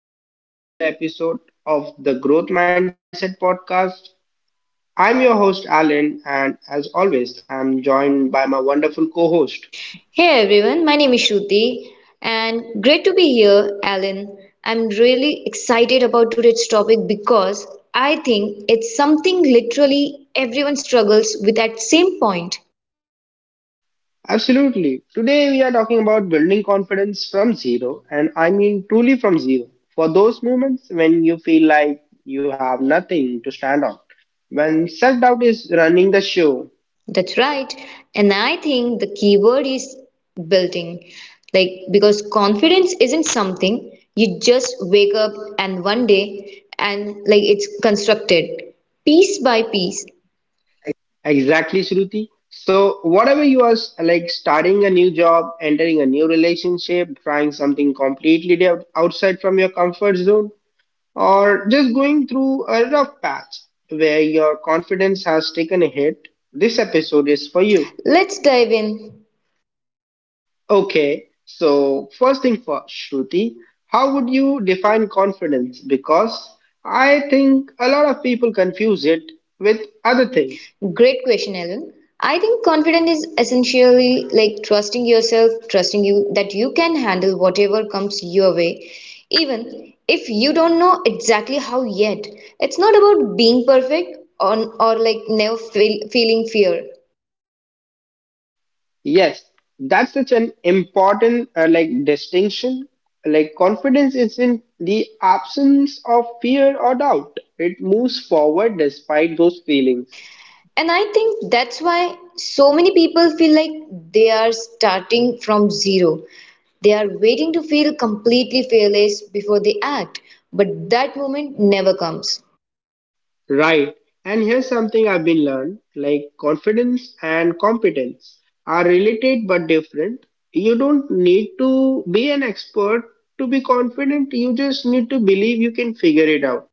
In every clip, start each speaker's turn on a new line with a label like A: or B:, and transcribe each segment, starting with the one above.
A: welcome back to another episode of the Growth Mindset Podcast. I'm your host Alan, and as always, I'm joined by my wonderful co host.
B: Hey everyone, my name is Shruti and great to be here, Alan. I'm really excited about today's topic because I think it's something literally everyone struggles with at same point.
A: Absolutely. Today, we are talking about building confidence from zero, and I mean truly from zero. For those moments when you feel like you have nothing to stand on, when self doubt is running the show.
B: That's right. And I think the key word is building. Like because confidence isn't something you just wake up and one day and like it's constructed piece by piece.
A: Exactly, Shruti. So, whatever you are like starting a new job, entering a new relationship, trying something outside from your comfort zone, or just going through a rough patch where your confidence has taken a hit, this episode is for you.
B: Let's dive in.
A: Okay, so first thing first, Shruti, how would you define confidence? Because I think a lot of people confuse it with other things.
B: Great question, Ellen. I think confidence is essentially like trusting yourself, trusting you that you can handle whatever comes your way, even if you don't know exactly how yet. It's not about being perfect on or like never feel, feeling fear.
A: Yes, that's such an important like distinction. Like confidence is in the absence of fear or doubt. It moves forward despite those feelings.
B: And I think that's why so many people feel like they are starting from zero. They are waiting to feel completely fearless before they act, but that moment never comes.
A: Right. And here's something I've been learned, like confidence and competence are related but different. You don't need to be an expert to be confident. You just need to believe you can figure it out.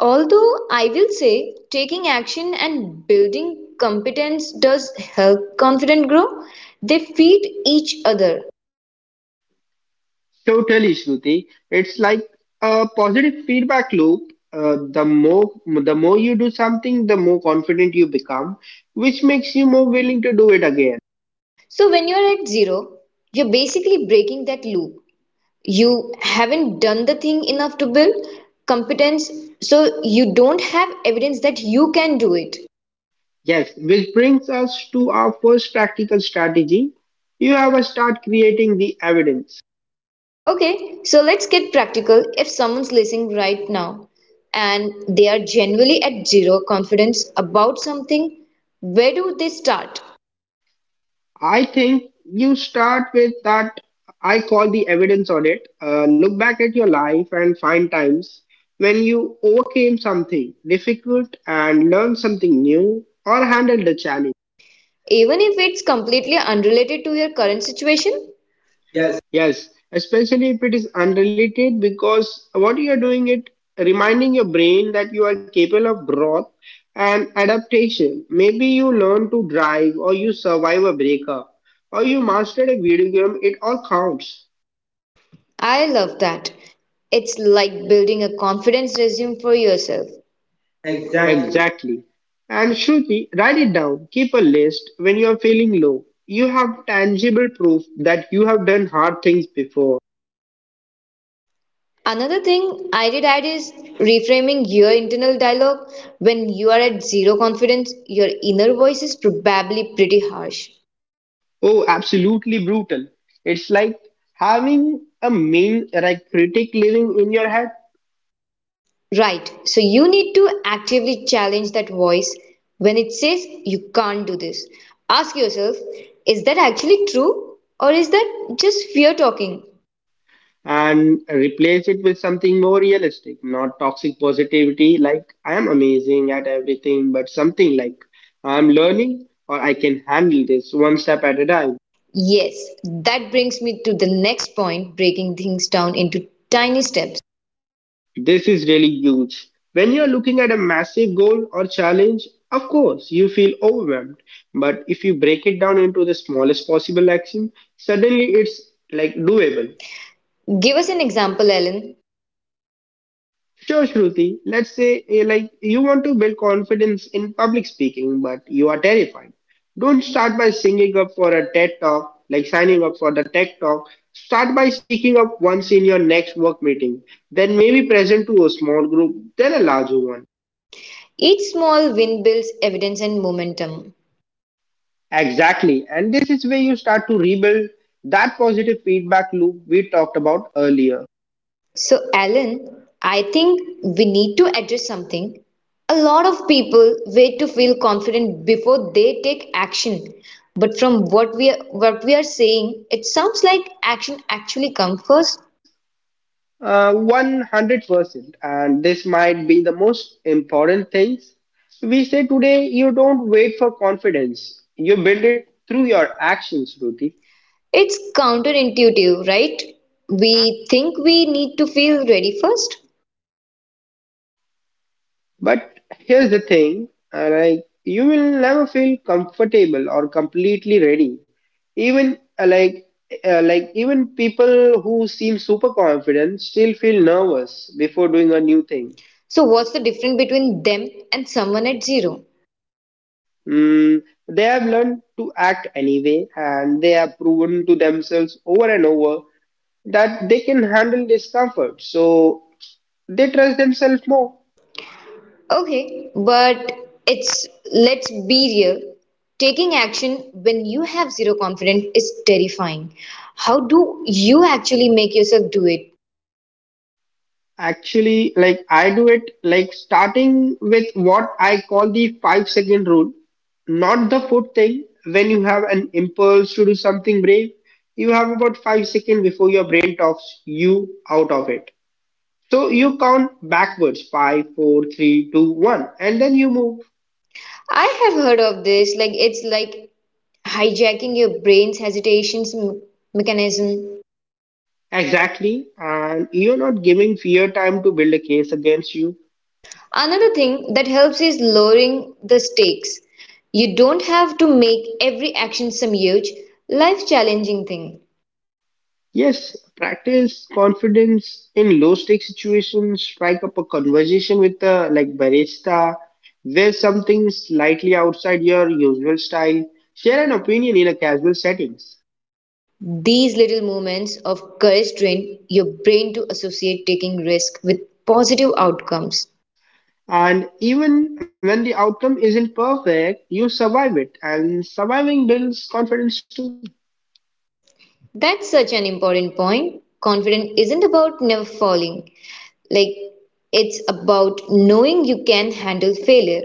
B: Although I will say, taking action and building competence does help confidence grow, they feed each other.
A: Totally, Shruti. It's like a positive feedback loop. Uh, the more the more you do something, the more confident you become, which makes you more willing to do it again.
B: So when you're at zero, you're basically breaking that loop. You haven't done the thing enough to build competence, so you don't have evidence that you can do it.
A: Yes, which brings us to our first practical strategy. You have a start creating the evidence.
B: Okay, so let's get practical if someone's listening right now and they are generally at zero confidence about something, where do they start?
A: I think you start with that I call the evidence audit. Look back at your life and find times when you overcame something difficult and learned something new or handled the challenge.
B: Even if it's completely unrelated to your current situation? Yes.
A: Yes, especially if it is unrelated because what you are doing it reminding your brain that you are capable of growth and adaptation. Maybe you learn to drive or you survive a breakup or you mastered a video game, it all counts.
B: I love that. It's like building a confidence resume for yourself. Exactly.
A: Exactly. And Shruti, write it down. Keep a list. When you are feeling low, you have tangible proof that you have done hard things before.
B: Another thing I did add is reframing your internal dialogue. When you are at zero confidence, your inner voice is probably pretty harsh.
A: Oh, absolutely brutal. It's like having a mean like critic living in your head
B: Right, so you need to actively challenge that voice. When it says you can't do this, ask yourself is that actually true or is that just fear talking?
A: and replace it with something more realistic, not toxic positivity like I am amazing at everything, but something like I'm learning or I can handle this one step at a time.
B: Yes, that brings me to the next point breaking things down into tiny steps.
A: This is really huge. When you're looking at a massive goal or challenge, of course, you feel overwhelmed. But if you break it down into the smallest possible action, suddenly it's like doable.
B: Give us an example, Alan.
A: Sure, Shruti, let's say like you want to build confidence in public speaking, but you are terrified. Don't start by singing up for a TED talk, like signing up for the TED talk. Start by speaking up once in your next work meeting, then maybe present to a small group, then a larger one.
B: Each small win builds evidence and momentum.
A: Exactly. And this is where you start to rebuild that positive feedback loop we talked about earlier.
B: So, Alan, I think we need to address something. A lot of people wait to feel confident before they take action. But from what we are saying, it sounds like action actually comes first.
A: 100%. And this might be the most important things we say today. You don't wait for confidence, you build it through your actions, Ruthie.
B: It's counterintuitive, right? We think we need to feel ready first.
A: But here's the thing, and I you will never feel comfortable or completely ready. Even like Even people who seem super confident still feel nervous before doing a new thing.
B: So, what's the difference between them and someone at zero?
A: Mm, they have learned to act anyway, and they have proven to themselves over and over that they can handle discomfort. So they trust themselves more.
B: Okay, but it's let's be real. Taking action when you have zero confidence is terrifying. How do you actually make yourself do it?
A: Actually, like I do it like starting with what I call the five-second rule, not the food thing. When you have an impulse to do something brave, you have about 5 seconds before your brain talks you out of it. So you count backwards five, four, three, two, one, and then you move.
B: I have heard of this, like it's like hijacking your brain's mechanism.
A: Exactly. And you're not giving fear time to build a case against you.
B: Another thing that helps is lowering the stakes. You don't have to make every action some huge, life challenging thing.
A: Yes, practice confidence in low stake situations, strike up a conversation with a like barista, wear something slightly outside your usual style, share an opinion in a casual settings.
B: These little moments of courage train your brain to associate taking risk with positive outcomes.
A: And even when the outcome isn't perfect, you survive it and surviving builds confidence too.
B: That's such an important point. Confidence isn't about never falling. Like it's about knowing you can handle failure.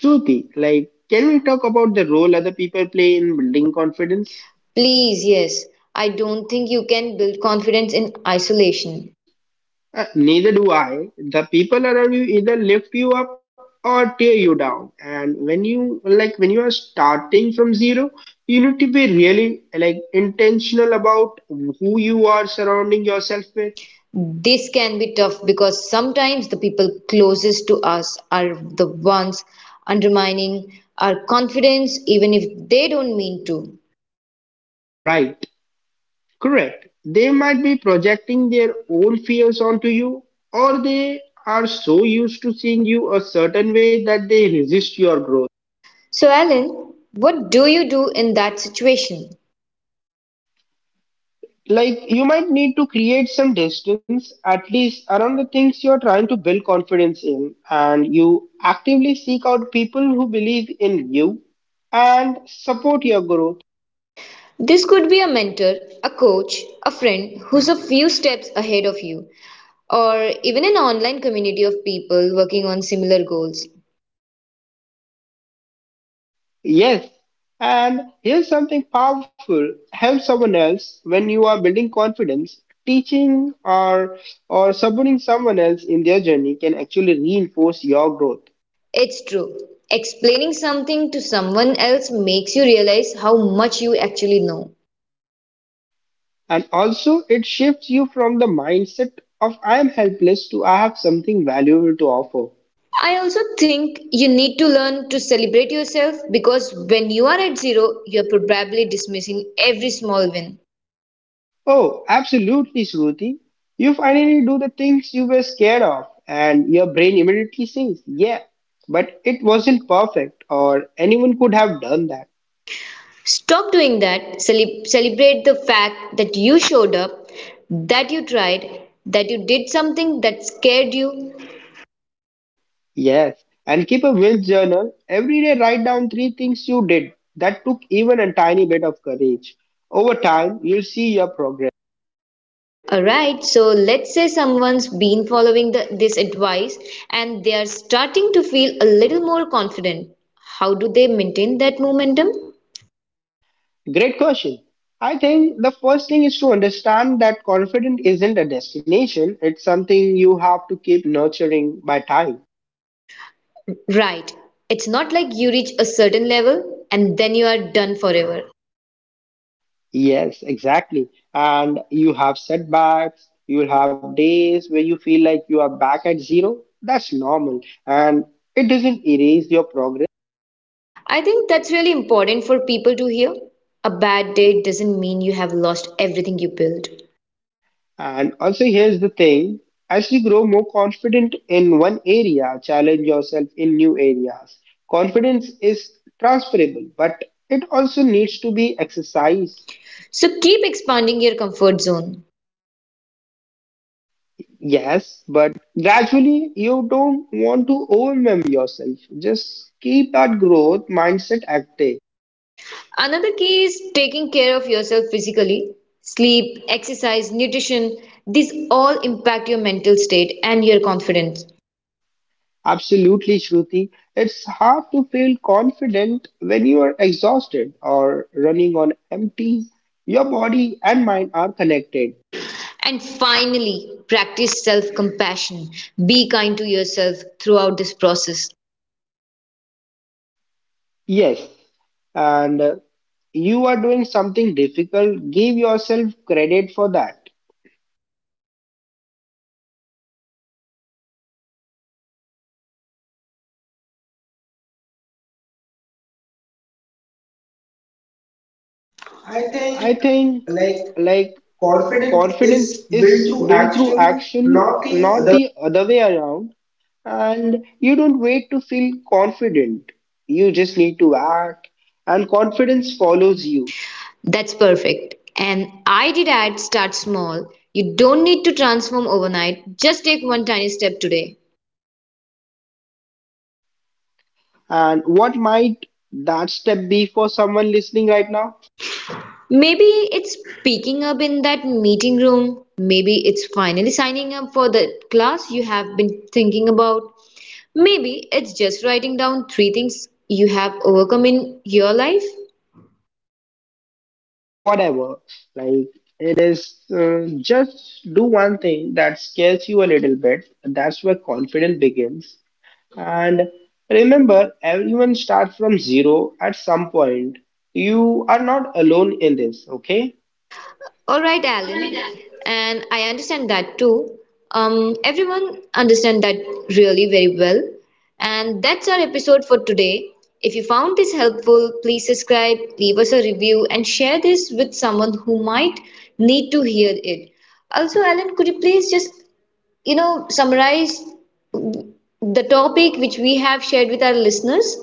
A: Shruti, like can we talk about the role other people play in building confidence?
B: Please, yes. I don't think you can build confidence in isolation.
A: Neither do I. The people around you either lift you up or tear you down. And when you like when you are starting from zero, you need to be really like intentional about who you are surrounding yourself with.
B: This can be tough because sometimes the people closest to us are the ones undermining our confidence even if they don't mean to.
A: Right. Correct. They might be projecting their own fears onto you, or they are so used to seeing you a certain way that they resist your growth.
B: So, Alan, what do you do in that situation?
A: Like, you might need to create some distance, at least around the things you're trying to build confidence in, and you actively seek out people who believe in you and support your growth.
B: This could be a mentor, a coach, a friend who's a few steps ahead of you, or even an online community of people working on similar goals.
A: Yes, and here's something powerful help someone else when you are building confidence. Teaching or supporting someone else in their journey can actually reinforce your growth.
B: It's true. Explaining something to someone else makes you realize how much you actually know.
A: And also, it shifts you from the mindset of I am helpless to I have something valuable to offer.
B: I also think you need to learn to celebrate yourself because when you are at zero, you're probably dismissing every small win.
A: Oh, absolutely, Shruti. You finally do the things you were scared of, and your brain immediately says, yeah, but it wasn't perfect, or anyone could have done that.
B: Stop doing that. Celebrate the fact that you showed up, that you tried, that you did something that scared you.
A: Yes, and keep a will journal. Every day, write down three things you did that took even a tiny bit of courage. Over time, you'll see your progress.
B: Alright, so let's say someone's been following this advice and they are starting to feel a little more confident. How do they maintain that momentum?
A: Great question. I think the first thing is to understand that confidence isn't a destination, it's something you have to keep nurturing by time.
B: Right, it's not like you reach a certain level and then you are done forever.
A: Yes, exactly. And you have setbacks, you'll have days where you feel like you are back at zero. That's normal. And it doesn't erase your progress.
B: I think that's really important for people to hear. A bad day doesn't mean you have lost everything you built.
A: And also, here's the thing as you grow more confident in one area, challenge yourself in new areas. Confidence is transferable, but it also needs to be exercised.
B: So keep expanding your comfort zone.
A: Yes, but gradually you don't want to overwhelm yourself. Just keep that growth mindset active.
B: Another key is taking care of yourself physically. Sleep, exercise, nutrition, these all impact your mental state and your confidence.
A: Absolutely, Shruti. It's hard to feel confident when you are exhausted or running on empty. Your body and mind are connected.
B: And finally, practice self compassion. Be kind to yourself throughout this process.
A: Yes, and you are doing something difficult. Give yourself credit for that.
B: I
A: I
B: think
A: think
B: like
A: like
B: confidence
A: confidence
B: is built
A: is
B: through
A: built through
B: action,
A: action,
B: not the
A: not
B: other.
A: the other way around. And you don't wait to feel confident. You just need to act, and confidence follows you.
B: That's perfect. And I did add start small. You don't need to transform overnight. Just take one tiny step today.
A: And what might that step be for someone listening right now?
B: Maybe it's picking up in that meeting room. Maybe it's finally signing up for the class you have been thinking about. Maybe it's just writing down 3 things you have overcome in your life.
A: Whatever. Like it is just do one thing that scares you a little bit. That's where confidence begins. And remember, everyone starts from zero at some point. You are not alone in this, okay?
B: All right, Alan, and I understand that too. Everyone understand that really very well. And that's our episode for today. If you found this helpful, please subscribe, leave us a review, and share this with someone who might need to hear it. Also, Alan, could you please just, you know, summarize the topic which we have shared with our listeners?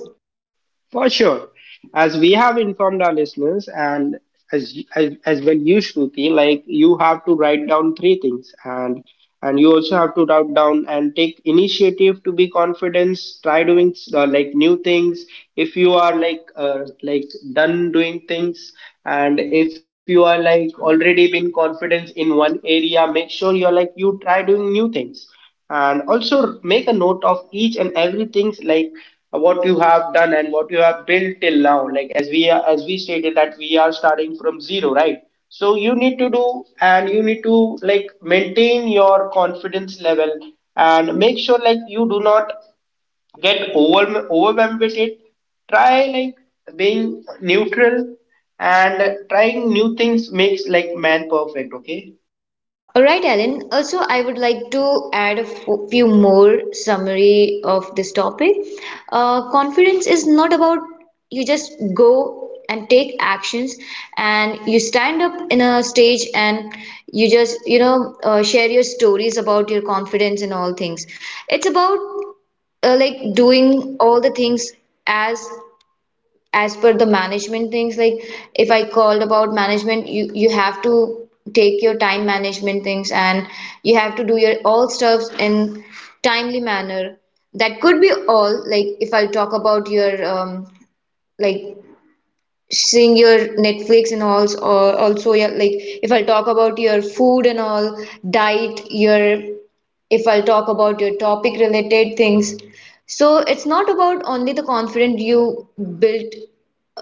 A: For sure. As we have informed our listeners, and as well you, Shruti, like you have to write down three things, and you also have to write down and take initiative to be confidence. Try doing like new things. If you are like done doing things, and if you are like already been confidence in one area, make sure you're like you try doing new things and also make a note of each and everything like what you have done and what you have built till now, like as we are, as we stated, that we are starting from zero, right? So you need to do and you need to like maintain your confidence level and make sure like you do not get overwhelmed with it. Try like being neutral, and trying new things makes like man perfect, okay.
B: All right, Ellen. Also, I would like to add a few more summary of this topic. Confidence is not about you just go and take actions and you stand up in a stage and you just, you know, share your stories about your confidence and all things. It's about like doing all the things as per the management things like if I called about management you have to take your time management things and you have to do your all stuffs in timely manner. That could be all like if I'll talk about your like seeing your Netflix and all, or also your like if I'll talk about your food and all diet your if I'll talk about your topic related things. So it's not about only the confidence you built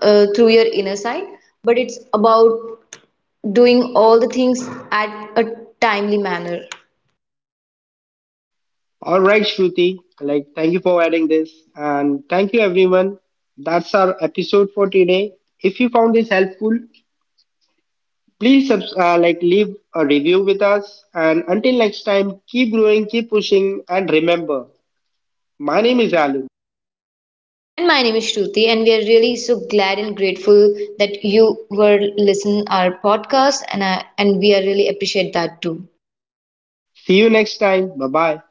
B: through your inner side, but it's about doing all the things at a timely manner.
A: All right, Shruti. Like, thank you for adding this. And thank you, everyone. That's our episode for today. If you found this helpful, like leave a review with us. And until next time, keep growing, keep pushing, and remember, my name is Alu.
B: And my name is Shruti, and we are really so glad and grateful that you were listening our podcast, and we are really appreciate that too.
A: See you next time. Bye bye.